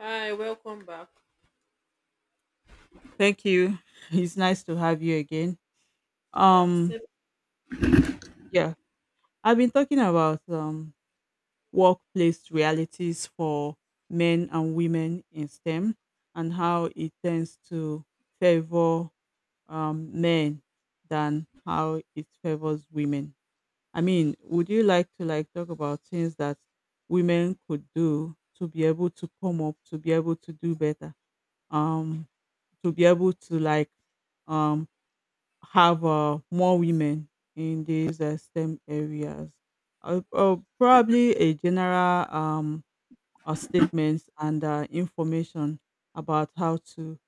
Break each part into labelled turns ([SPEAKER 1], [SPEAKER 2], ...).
[SPEAKER 1] Hi, welcome back.
[SPEAKER 2] Thank you. It's nice to have you again.
[SPEAKER 1] Yeah,
[SPEAKER 2] Um,
[SPEAKER 1] same.
[SPEAKER 2] yeah, I've been talking about workplace realities for men and women in STEM, and how it tends to favor men than how it favors women. I mean, would you like to talk about things that women could do to be able to come up, to be able to do better, um, to be able to um have more women in these STEM areas. Probably a general statements and information about how to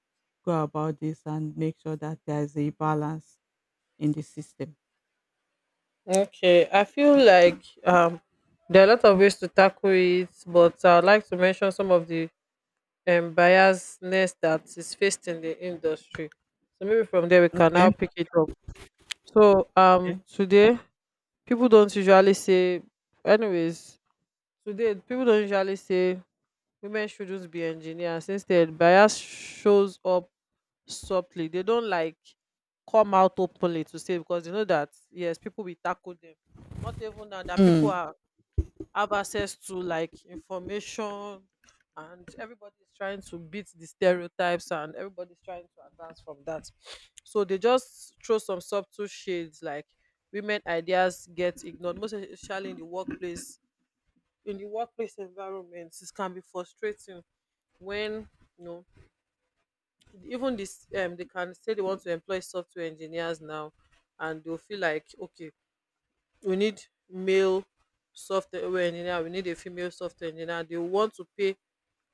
[SPEAKER 2] go about this and make sure that there is a balance in the system.
[SPEAKER 1] Okay, I feel like there are a lot of ways to tackle it, but I'd like to mention some of the biasness that is faced in the industry. So maybe from there we can
[SPEAKER 2] Okay.
[SPEAKER 1] now pick it up. So
[SPEAKER 2] Okay.
[SPEAKER 1] people don't usually say, anyways, today people don't usually say women shouldn't be engineers. Instead, bias shows up softly. They don't like come out openly to say because you know that yes, people will tackle them. Not even now that people
[SPEAKER 2] Mm.
[SPEAKER 1] are have access to like information, and everybody's trying to beat the stereotypes and everybody's trying to advance from that. So they just throw some subtle shades like women ideas get ignored, most especially in the workplace environment. It can be frustrating when you know even this they can say they want to employ software engineers now, and they'll feel like, okay, we need male software engineer, we need a female software engineer. They want to pay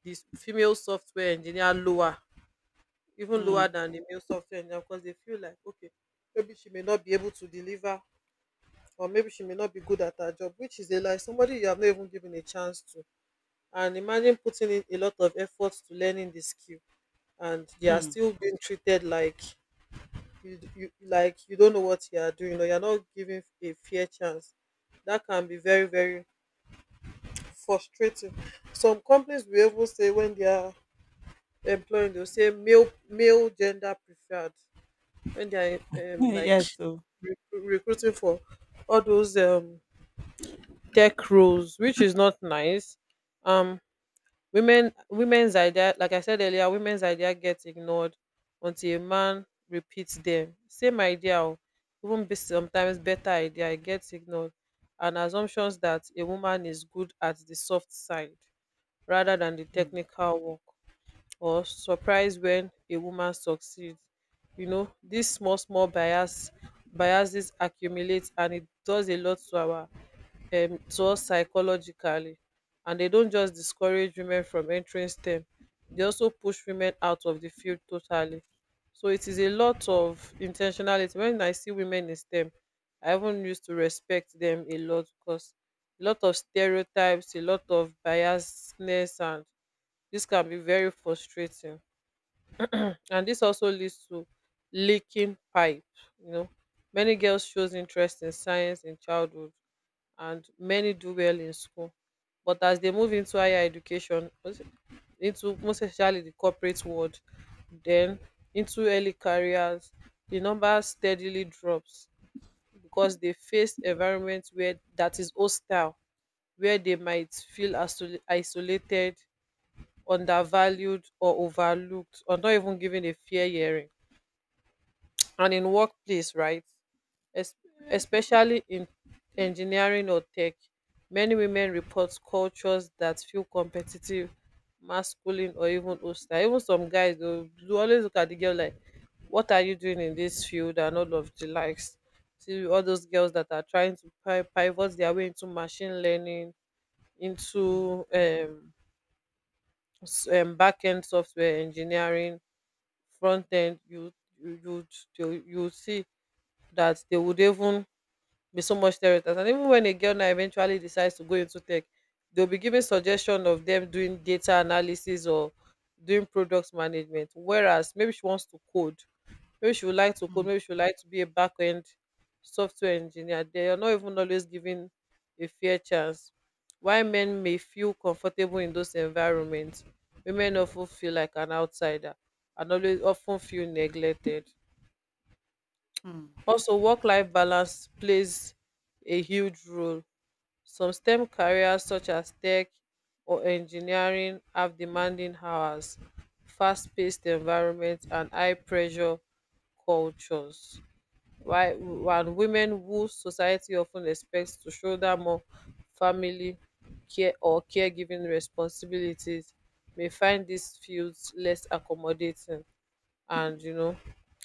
[SPEAKER 1] this female software engineer lower, even lower
[SPEAKER 2] Mm.
[SPEAKER 1] than the male software engineer, because they feel like, okay, maybe she may not be able to deliver, or maybe she may not be good at her job, which is a lie. Somebody you have not even given a chance to, and imagine putting in a lot of effort to learning the skill and they are
[SPEAKER 2] Mm.
[SPEAKER 1] still being treated like you like you don't know what you are doing, or you're not giving a fair chance. That can be very frustrating. Some companies will even say when they are employing, they'll say male gender preferred, when they are like
[SPEAKER 2] Yes. So.
[SPEAKER 1] recruiting for all those tech roles, which is not nice. um women's idea, like I said earlier, women's idea gets ignored until a man repeats them. Same idea, o, even be sometimes better idea, it gets ignored. And assumptions that a woman is good at the soft side rather than the
[SPEAKER 2] Mm.
[SPEAKER 1] technical work. Or surprise when a woman succeeds. You know, these small small biases accumulate and it does a lot to our to us psychologically, and they don't just discourage women from entering STEM, they also push women out of the field totally. So it is a lot of intentionality. When I see women in STEM, I even used to respect them a lot, because a lot of stereotypes, a lot of biasness, and this can be very frustrating. And this also leads to leaking pipe. You know, many girls shows interest in science in childhood, and many do well in school. But as they move into higher education, into most especially the corporate world, then into early careers, the number steadily drops because they face environment where that is hostile, where they might feel isolated, undervalued or overlooked or not even given a fair hearing. And in workplace, right? es- Especially in engineering or tech. Many women report cultures that feel competitive, masculine, or even hostile. Even some guys, they'll always look at the girl like, "What are you doing in this field?" and all of the likes. See all those girls that are trying to pivot their way into machine learning, into back end software engineering, front end, you you'd- you see that they would even be so much stereotypes. And even when a girl now eventually decides to go into tech, they'll be giving suggestion of them doing data analysis or doing product management. Whereas maybe she wants to code, maybe she would like to code,
[SPEAKER 2] Mm.
[SPEAKER 1] maybe she would like to be a back end software engineer. They are not even always given a fair chance. While men may feel comfortable in those environments, women often feel like an outsider, and always often feel neglected. Also, work life balance plays a huge role. Some STEM careers such as tech or engineering have demanding hours, fast-paced environments and high-pressure cultures. While women who society often expects to shoulder more family care or caregiving responsibilities may find these fields less accommodating. And you know,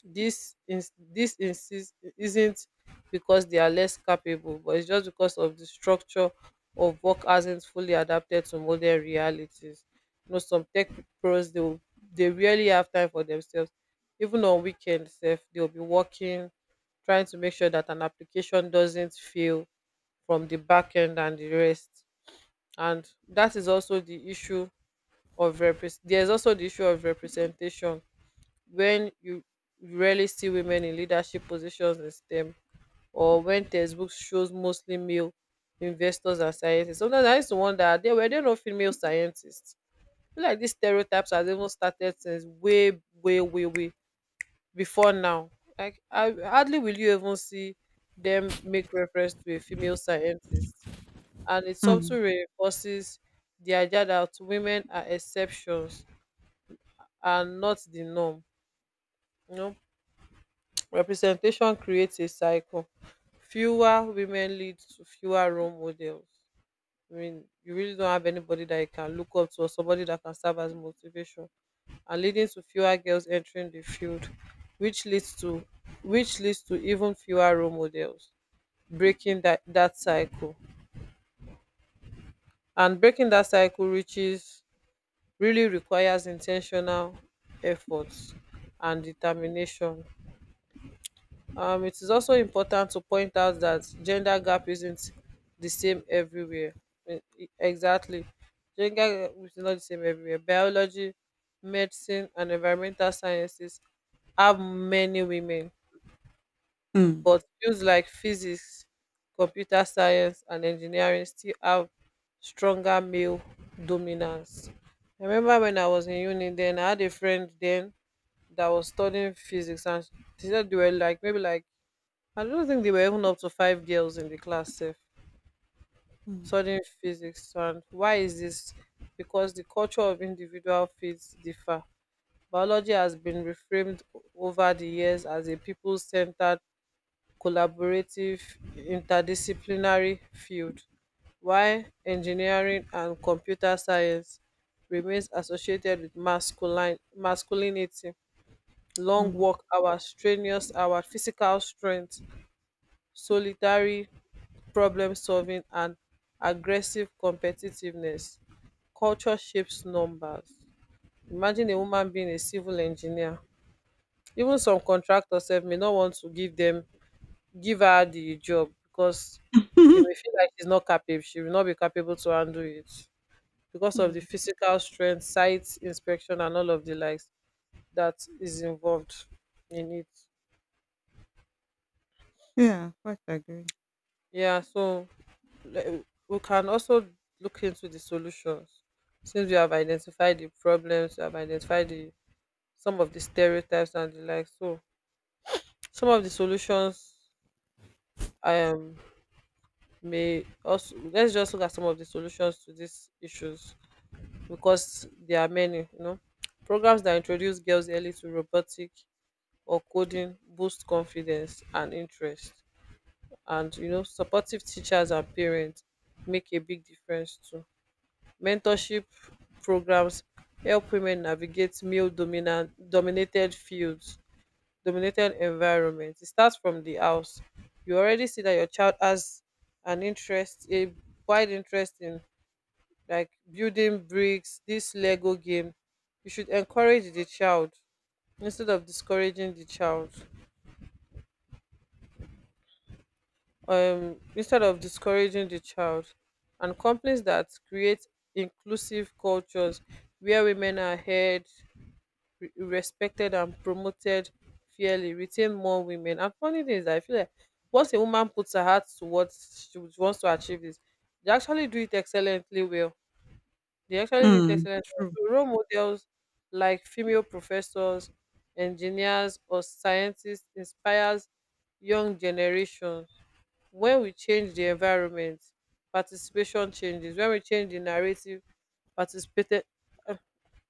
[SPEAKER 1] this this insist isn't because they are less capable, but it's just because of the structure of work hasn't fully adapted to modern realities. You know, some tech pros, they rarely have time for themselves. Even on weekends sef they'll be working, trying to make sure that an application doesn't fail from the back end and the rest. And that is also the issue of repres there's also the issue of representation when you rarely see women in leadership positions in STEM, or when textbooks shows mostly male investors and scientists. Sometimes I used to wonder, are there, were there no female scientists? I feel like these stereotypes has even started since way before now. Like I hardly, will you even see them make reference to a female scientist. And it
[SPEAKER 2] Mm.
[SPEAKER 1] something reinforces the idea that women are exceptions and not the norm. You know, representation creates a cycle. Fewer women lead to fewer role models. I mean, you really don't have anybody that you can look up to or somebody that can serve as motivation, and leading to fewer girls entering the field, which leads to even fewer role models, breaking that cycle. And breaking that cycle reaches really requires intentional efforts and determination. It is also important to point out that gender gap isn't the same everywhere. Exactly. Gender gap is not the same everywhere. Biology, medicine, and environmental sciences have many women, but
[SPEAKER 2] Mm.
[SPEAKER 1] fields like physics, computer science, and engineering still have stronger male dominance. I remember when I was in uni then, I had a friend then that was studying physics, and she said they were like, maybe like, I don't think they were even up to five girls in the class sef
[SPEAKER 2] Mm.
[SPEAKER 1] studying physics. And why is this? Because the culture of individual fields differ. Biology has been reframed over the years as a people-centered, collaborative, interdisciplinary field, while engineering and computer science remains associated with masculine masculinity, long
[SPEAKER 2] Mm.
[SPEAKER 1] work hours, strenuous hours, physical strength, solitary problem solving and aggressive competitiveness. Culture shapes numbers. Imagine a woman being a civil engineer, even some contractors sef may not want to give her the job because they
[SPEAKER 2] Mm.
[SPEAKER 1] may feel like she will not be capable to handle it because of the
[SPEAKER 2] Mm.
[SPEAKER 1] physical strength, site inspection and all of the likes that is involved in it.
[SPEAKER 2] Yeah, quite agree.
[SPEAKER 1] Yeah, so we can also look into the solutions. Since we have identified the problems, we have identified the some of the stereotypes and the like. So some of the solutions, um may also, let's just look at some of the solutions to these issues, because there are many, you know. Programs that introduce girls early to robotic or coding boost confidence and interest. And you know, supportive teachers and parents make a big difference too. Mentorship programs help women navigate male dominant dominated environments. It starts from the house. You already see that your child has an interest a wide interest in like building bricks, this lego game, you should encourage the child instead of discouraging the child, um instead of discouraging the child and companies that create inclusive cultures where women are heard, respected and promoted fairly, retain more women. And funny thing is, I feel like once a woman puts her heart to what she wants to achieve this, they actually do it excellently well. They actually do it
[SPEAKER 2] Mm.
[SPEAKER 1] excellently
[SPEAKER 2] True.
[SPEAKER 1] well. So role models like female professors, engineers, or scientists inspires young generation. When we change the environment, participation changes. When we change the narrative, participated uh,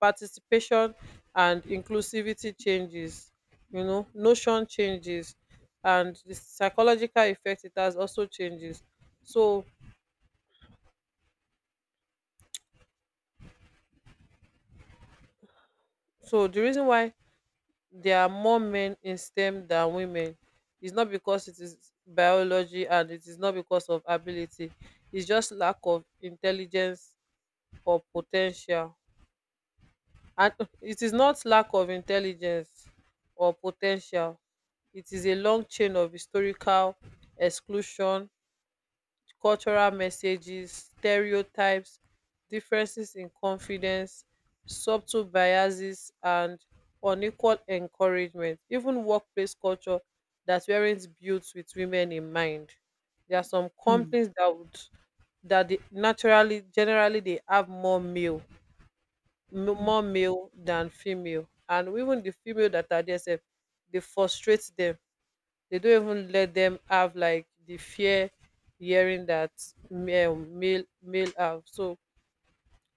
[SPEAKER 1] participation and inclusivity changes, you know, notion changes, and the psychological effect it has also changes. So the reason why there are more men in STEM than women is not because it is biology and it is not because of ability. It's just lack of intelligence or po ten tial And It is not lack of intelligence or potential. It is a long chain of historical exclusion, cultural messages, stereotypes, differences in confidence, subtle biases and unequal encouragement, even workplace culture that weren't built with women in mind. There are some
[SPEAKER 2] Mm.
[SPEAKER 1] companies that would that they naturally generally they have more male m-
[SPEAKER 2] Mm.
[SPEAKER 1] more male than female, and even the female that are there sef dey frustrate them. They don't even let them have like the fear, hearing that male have so.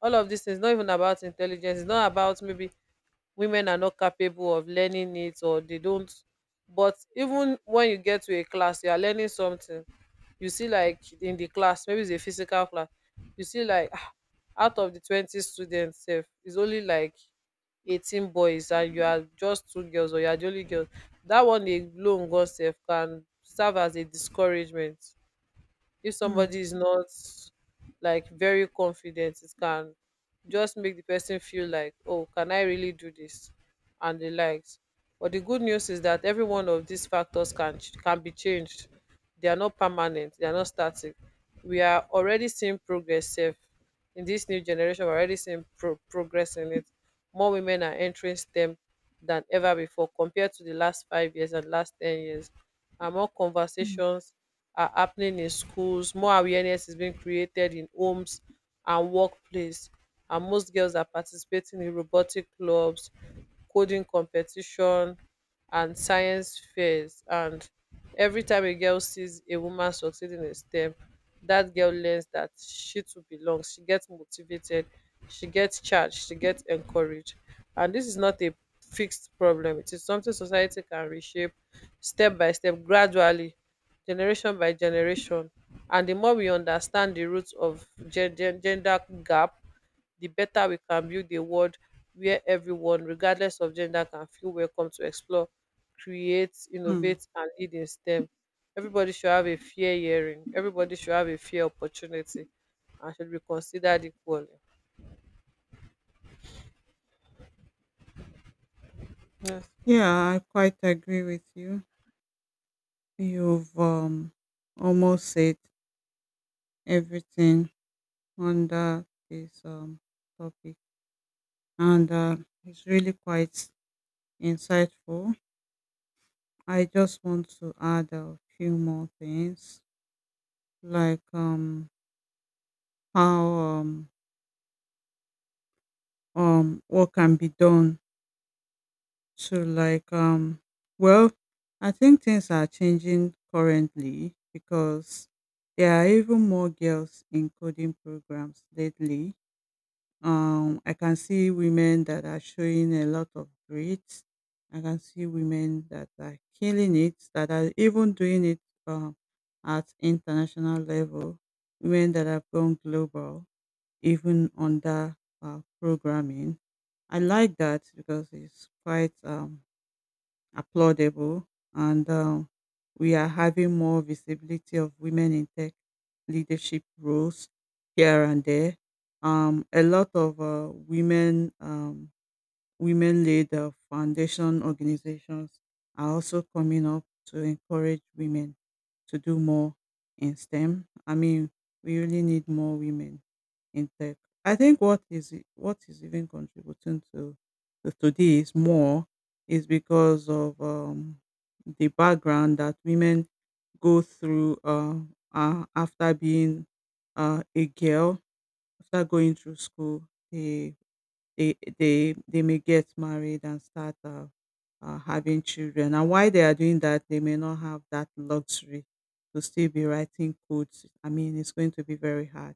[SPEAKER 1] All of these things, not even about intelligence. It's not about maybe women are not capable of learning it or they don't. But even when you get to a class you are learning something, you see like in the class, maybe it's a physical class, you see like out of the 20 students sef, it's only like 18 boys and you are just two girls, or you are the only girl. That one alone gan sef can serve as a discouragement. If
[SPEAKER 2] Mm.
[SPEAKER 1] somebody is not like very confident, it can just make the person feel like, oh, can I really do this, and the likes. But the good news is that every one of these factors can be changed. They are not permanent, they are not static. We are already seeing progress. Safe, in this new generation, we're already seeing progress in it. More women are entering stem than ever before compared to the last 5 years and last 10 years, and more
[SPEAKER 2] Mm.
[SPEAKER 1] conversations are happening in schools, more awareness is being created in homes and workplace, and most girls are participating in robotic clubs, coding competition, and science fairs. And every time a girl sees a woman succeeding in STEM, that girl learns that she too belongs. She gets motivated, she gets charged, she gets encouraged. And this is not a fixed problem, it is something society can reshape, step by step, gradually, generation by generation. And the more we understand the roots of gender gap, the better we can build a world where everyone, regardless of gender, can feel welcome to explore, create,
[SPEAKER 2] Mm.
[SPEAKER 1] innovate, and lead in stem. Everybody should have a fair hearing, everybody should have a fair opportunity, and should be considered equally. Yes.
[SPEAKER 2] Yeah, I quite agree with you. You've almost said everything under this topic, and it's really quite insightful. I just want to add a few more things, like how what can be done to well, I think things are changing currently because there are even more girls in coding programs lately. I can see women that are showing a lot of grit. I can see women that are killing it, that are even doing it, um, at international level, women that have gone global, even under programming. I like that because it's quite applaudable. And we are having more visibility of women in tech leadership roles here and there. A lot of women led foundation organizations are also coming up to encourage women to do more in STEM. I mean, we really need more women in tech. I think what is even contributing to today is more is because of the background that women go through after being a girl, after going through school. They they may get married and start having children, and while they are doing that they may not have that luxury to still be writing codes. I mean, it's going to be very hard.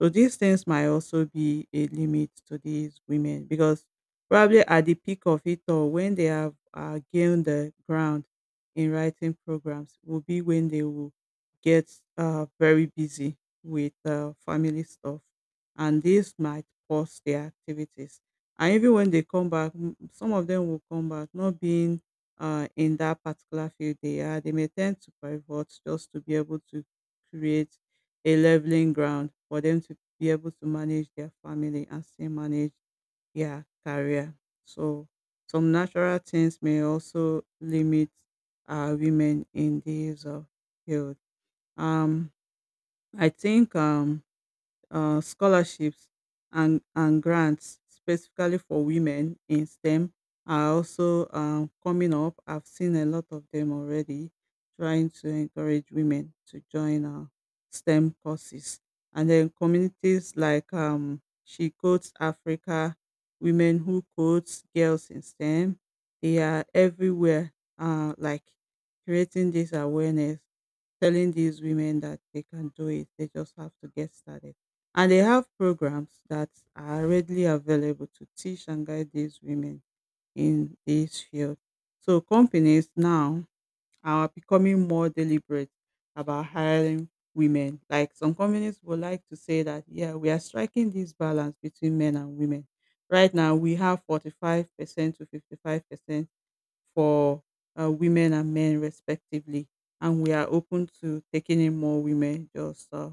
[SPEAKER 2] So these things might also be a limit to these women, because probably at the peak of it, or when they have gained the ground in writing programs, will be when they will get very busy with family stuff, and this might pause their activities. And even when they come back, some of them will come back not being in that particular field. They are they may tend to pivot just to be able to create a leveling ground for them to be able to manage their family and still manage their career. So some natural things may also limit women in these field. Um, I think Scholarships and grants specifically for women in STEM are also coming up. I've seen a lot of them already trying to encourage women to join STEM courses. And then communities like She Codes Africa, Women Who Codes, Girls in STEM, they are everywhere, like creating this awareness, telling these women that they can do it. They just have to get started. And they have programs that are readily available to teach and guide these women in this field. So companies now are becoming more deliberate about hiring women. Like, some companies would like to say that, yeah, we are striking this balance between men and women. Right now, we have 45% to 55% for women and men respectively. And we are open to taking in more women just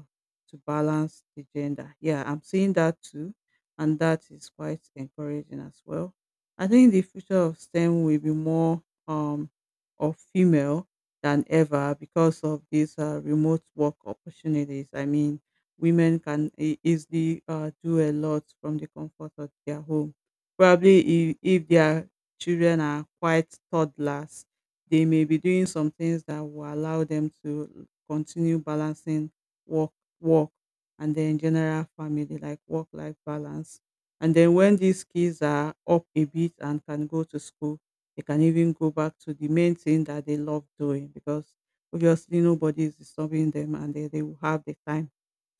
[SPEAKER 2] to balance the gender. Yeah, I'm seeing that too. And that is quite encouraging as well. I think the future of STEM will be more um, of female than ever because of these remote work opportunities. I mean, women can easily do a lot from the comfort of their home. Probably if they are children are quite toddlers, they may be doing some things that will allow them to continue balancing work, work, and then general family, like work life balance. And then when these kids are up a bit and can go to school, they can even go back to the main thing that they love doing, because obviously nobody is disturbing them, and they will have the time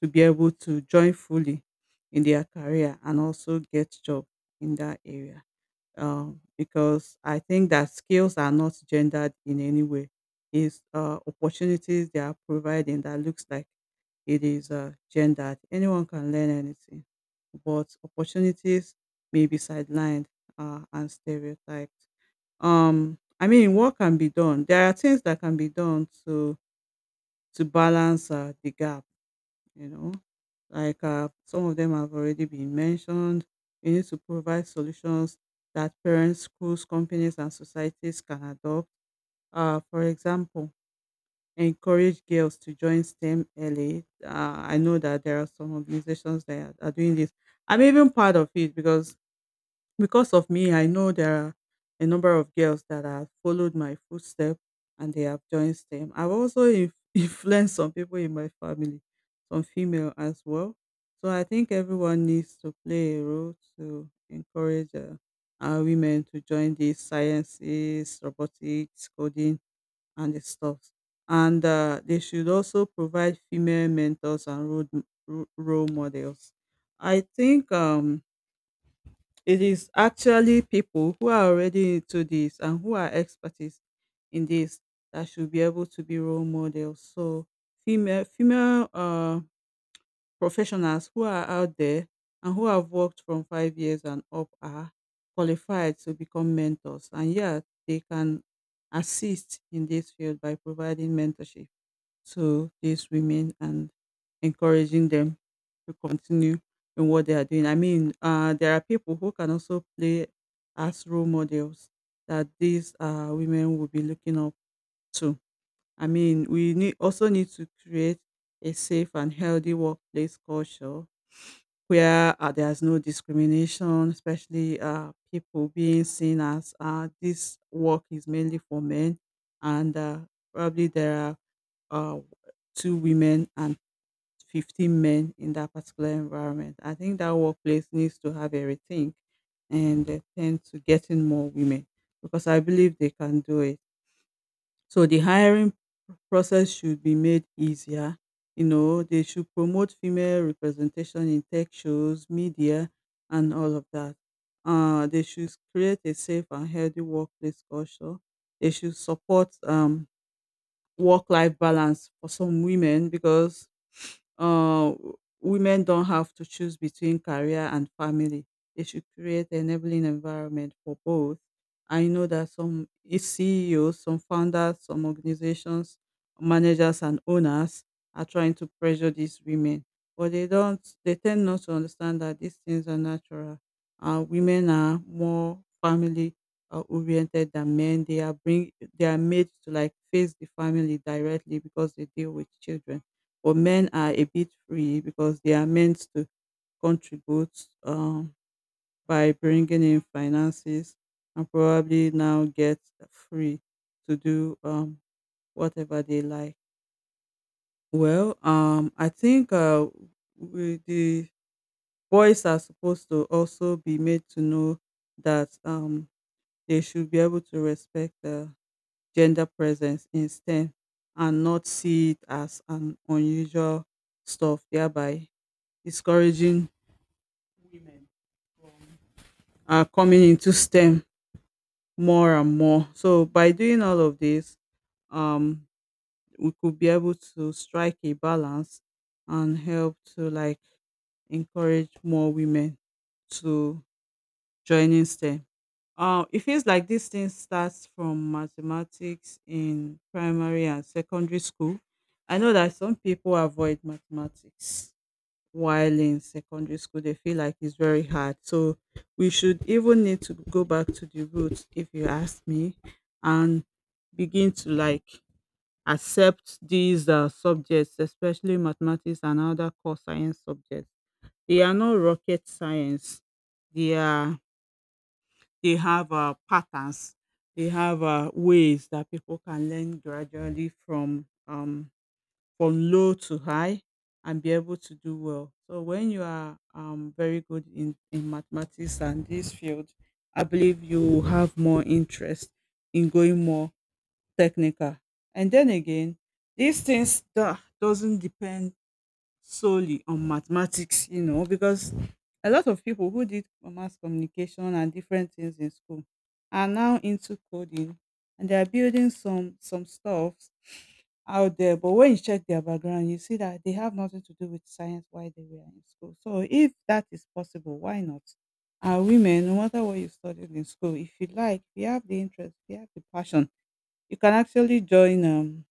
[SPEAKER 2] to be able to join fully in their career and also get job in that area, because I think that skills are not gendered in any way. It's opportunities they are providing that looks like it is gendered. Anyone can learn anything, but opportunities may be sidelined and stereotyped. I mean, what can be done? There are things that can be done to balance the gap, you know. Like, some of them have already been mentioned. We need to provide solutions that parents, schools, companies, and societies can adopt. For example, encourage girls to join STEM early. I know that there are some organizations that are doing this. I'm even part of it, because of me, I know there are a number of girls that have followed my footsteps and they have joined STEM. I've also influenced some people in my family, some female as well. So I think everyone needs to play a role to encourage our women to join the sciences, robotics, coding, and the stuff. And they should also provide female mentors and role models. I think it is actually people who are already into this and who are experts in this that should be able to be role models. So female professionals who are out there and who have worked from 5 years and up are qualified to become mentors. And yeah, they can assist in this field by providing mentorship to these women and encouraging them to continue in what they are doing. I mean, there are people who can also play as role models that these women will be looking up to. I mean, we need also need to create a safe and healthy workplace culture where there's no discrimination, especially people being seen as this work is mainly for men, and probably there are uh, two women and 15 men in that particular environment. I think that workplace needs to have a rethink and tend to getting more women, because I believe they can do it. So the hiring process should be made easier. You know, they should promote female representation in tech shows, media, and all of that. They should create a safe and healthy workplace culture. They should support work life balance for some women, because uh, women don't have to choose between career and family. They should create enabling environment for both. I know that some CEOs, some founders, some organizations, managers, and owners are trying to pressure these women, but they don't. They tend not to understand that these things are natural. Women are more family oriented than men. They are made to like face the family directly because they deal with children. But men are a bit free because they are meant to contribute by bringing in finances and probably now get free to do whatever they like. Well, I think we, the boys are supposed to also be made to know that they should be able to respect gender presence in STEM and not see it as an unusual stuff, thereby discouraging women from coming into STEM more and more. So by doing all of this, um, we could be able to strike a balance and help to encourage more women to joining STEM. It feels like this thing starts from mathematics in primary and secondary school. I know that some people avoid mathematics while in secondary school. They feel like it's very hard. So we should even need to go back to the roots, if you ask me, and begin to accept these subjects, especially mathematics and other core science subjects. They are not rocket science. They are they have patterns. They have ways that people can learn gradually from low to high and be able to do well. So when you are very good in mathematics and this field, I believe you will have more interest in going more technical. And then again, these things doesn't depend solely on mathematics, you know, because a lot of people who did mass communication and different things in school are now into coding and they are building some stuff out there. But when you check their background, you see that they have nothing to do with science while they were in school. So if that is possible, why not? And women, no matter what you studied in school, if you like, if you have the interest, if you have the passion, you can actually join um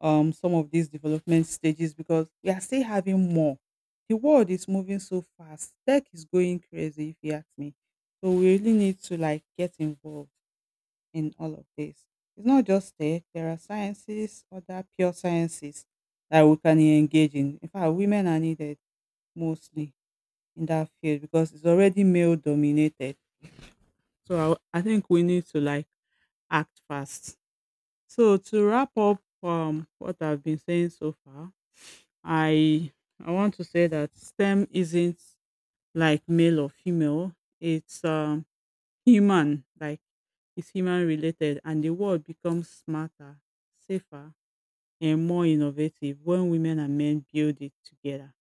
[SPEAKER 2] um, some of these development stages because we are still having more. The world is moving so fast. Tech is going crazy, if you ask me. So we really need to like get involved in all of this. It's not just tech. There are sciences, other pure sciences that we can engage in. In fact, women are needed mostly in that field because it's already male dominated. So I think we need to like act fast. So to wrap up what I've been saying so far, I I want to say that STEM isn't like male or female. It's human, like it's human related, and the world becomes smarter, safer, and more innovative when women and men build it together.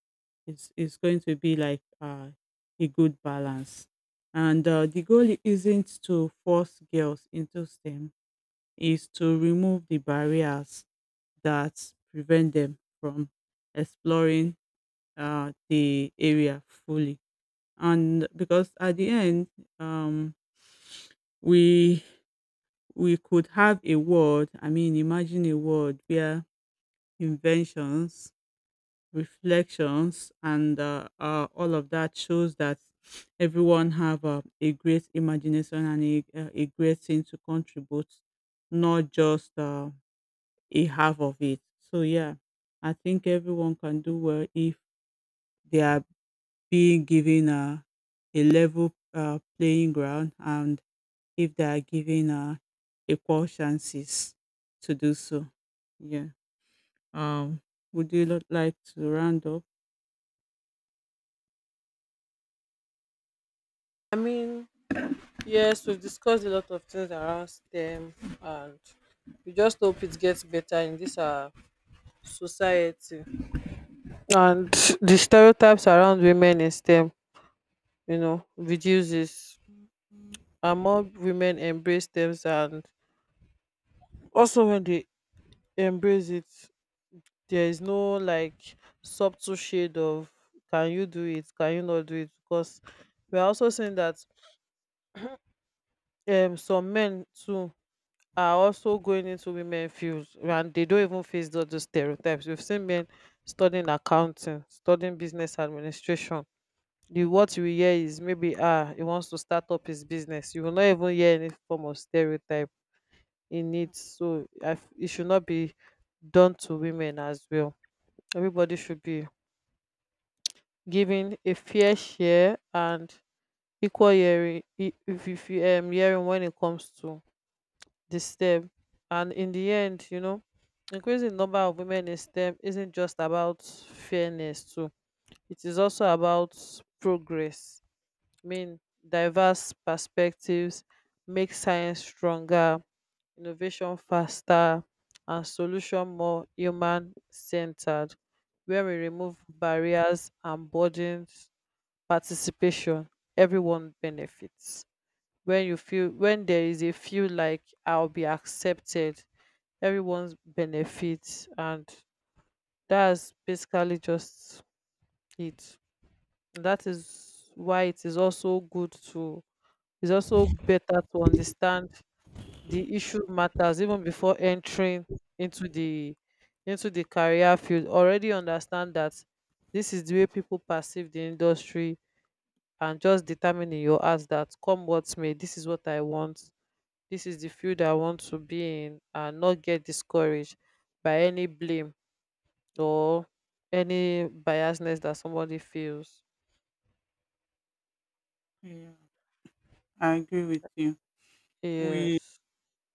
[SPEAKER 2] It's going to be like a good balance, and the goal isn't to force girls into STEM. Is to remove the barriers that prevent them from exploring the area fully. And because at the end, um, we we could have a world. I mean, imagine a world where inventions, reflections, and all of that shows that everyone have a great imagination and a great thing to contribute, not just a half of it. So yeah, I think everyone can do well if they are being given a level playing ground and if they are given equal chances to do so. Yeah. Um, like to round up?
[SPEAKER 1] I mean, yes, we've discussed a lot of things around stem, and we just hope it gets better in this society, and the stereotypes around women in STEM, you know, reduces, and more women embrace STEMs. And also when they embrace it, there is no like subtle shade of, can you do it, can you not do it? Because we're also seeing that some men too are also going into women fields and they don't even face all those stereotypes. We've seen men studying accounting, studying business administration. The what you will hear is maybe, ah, he wants to start up his business. You will not even hear any form of stereotype in it. So it should not be done to women as well. Everybody should be given a fair share and equal hearing. If you hearing when it comes to the STEM. And in the end, you know, increasing number of women in STEM isn't just about fairness too, it is also about progress. I mean, diverse perspectives make science stronger, innovation faster, and solution more human centered. Where we remove barriers and burdens, participation, everyone benefits. When you feel, when there is a feel like I'll be accepted, everyone's benefits. And that's basically just it. That is why it is also good to It's also better to understand the issue matters even before entering into the into the career field. Already understand that this is the way people perceive the industry, and just determine in your heart that come what may, this is what I want. This is the field I want to be in, and not get discouraged by any blame or any biasness that somebody feels.
[SPEAKER 2] Yeah, I agree with you. We
[SPEAKER 1] Yes.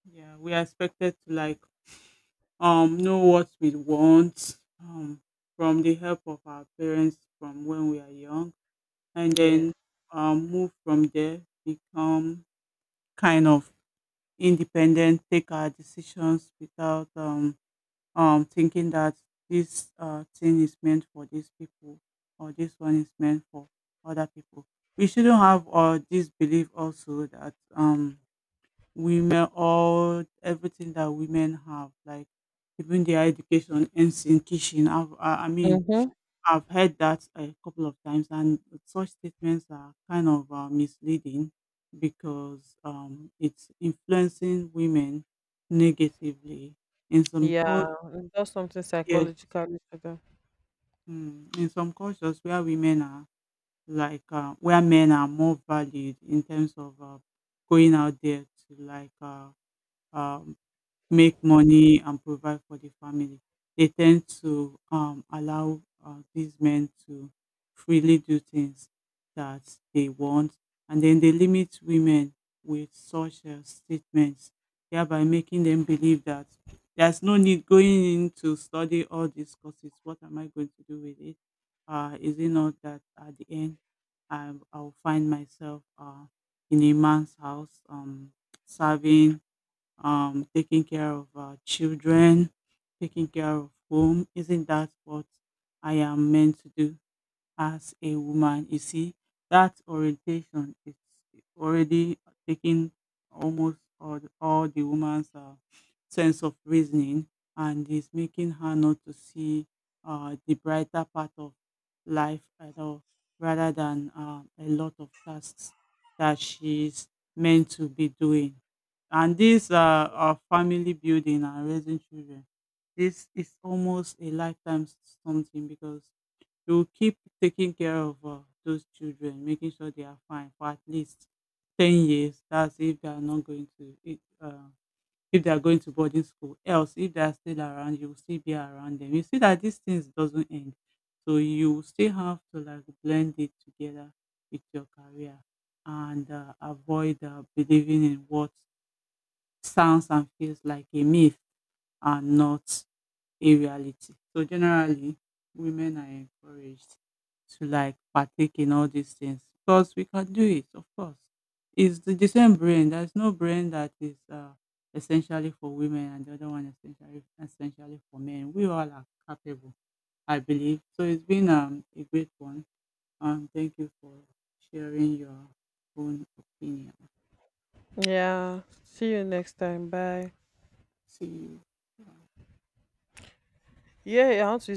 [SPEAKER 2] yeah, we are expected to like know what we want from the help of our parents from when we are young, and
[SPEAKER 1] Yes.
[SPEAKER 2] then move from there, become kind of independent, take our decisions without thinking that this thing is meant for these people or this one is meant for other people. We shouldn't have this belief also that women, all everything that women have, like even their education ends in kitchen. I mean,
[SPEAKER 1] Mm-hmm.
[SPEAKER 2] I've heard that a couple of times, and such statements are kind of misleading because it's influencing women negatively. In some
[SPEAKER 1] Yeah,
[SPEAKER 2] cultures,
[SPEAKER 1] and does something
[SPEAKER 2] yes,
[SPEAKER 1] psychologically to them.
[SPEAKER 2] in some cultures where women are like where men are more valued in terms of going out there to like um, make money and provide for the family. They tend to allow these men to freely do things that they want, and then they limit women with such statements, thereby making them believe that there's no need going in to study all these courses. What am I going to do with it? Is it not that at the end I'll find myself in a man's house, serving, taking care of children, taking care of home. Isn't that what I am meant to do? As a woman, you see, that orientation is already taking almost all, all the woman's sense of reasoning and is making her not to see the brighter part of life at all, rather than a lot of tasks that she's meant to be doing. And this family building and raising children, this is almost a lifetime something because you will keep taking care of those children, making sure they are fine for at least 10 years. That's if they are not going to it, if they are going to boarding school. Else, if they are still around, you will still be around them. You see that these things doesn't end, so you will still have to like blend it together with your career and avoid believing in what sounds and feels like a myth and not in reality. So generally, women are encouraged to like partake in all these things because we can do it, of course. It's the same brain. There's no brain that is essentially for women and the other one essentially for men. We all are capable, I believe. So it's been a great one. Thank you for sharing your own opinion.
[SPEAKER 1] Yeah. See you next time. Bye.
[SPEAKER 2] See you.
[SPEAKER 1] Yeah, I want to use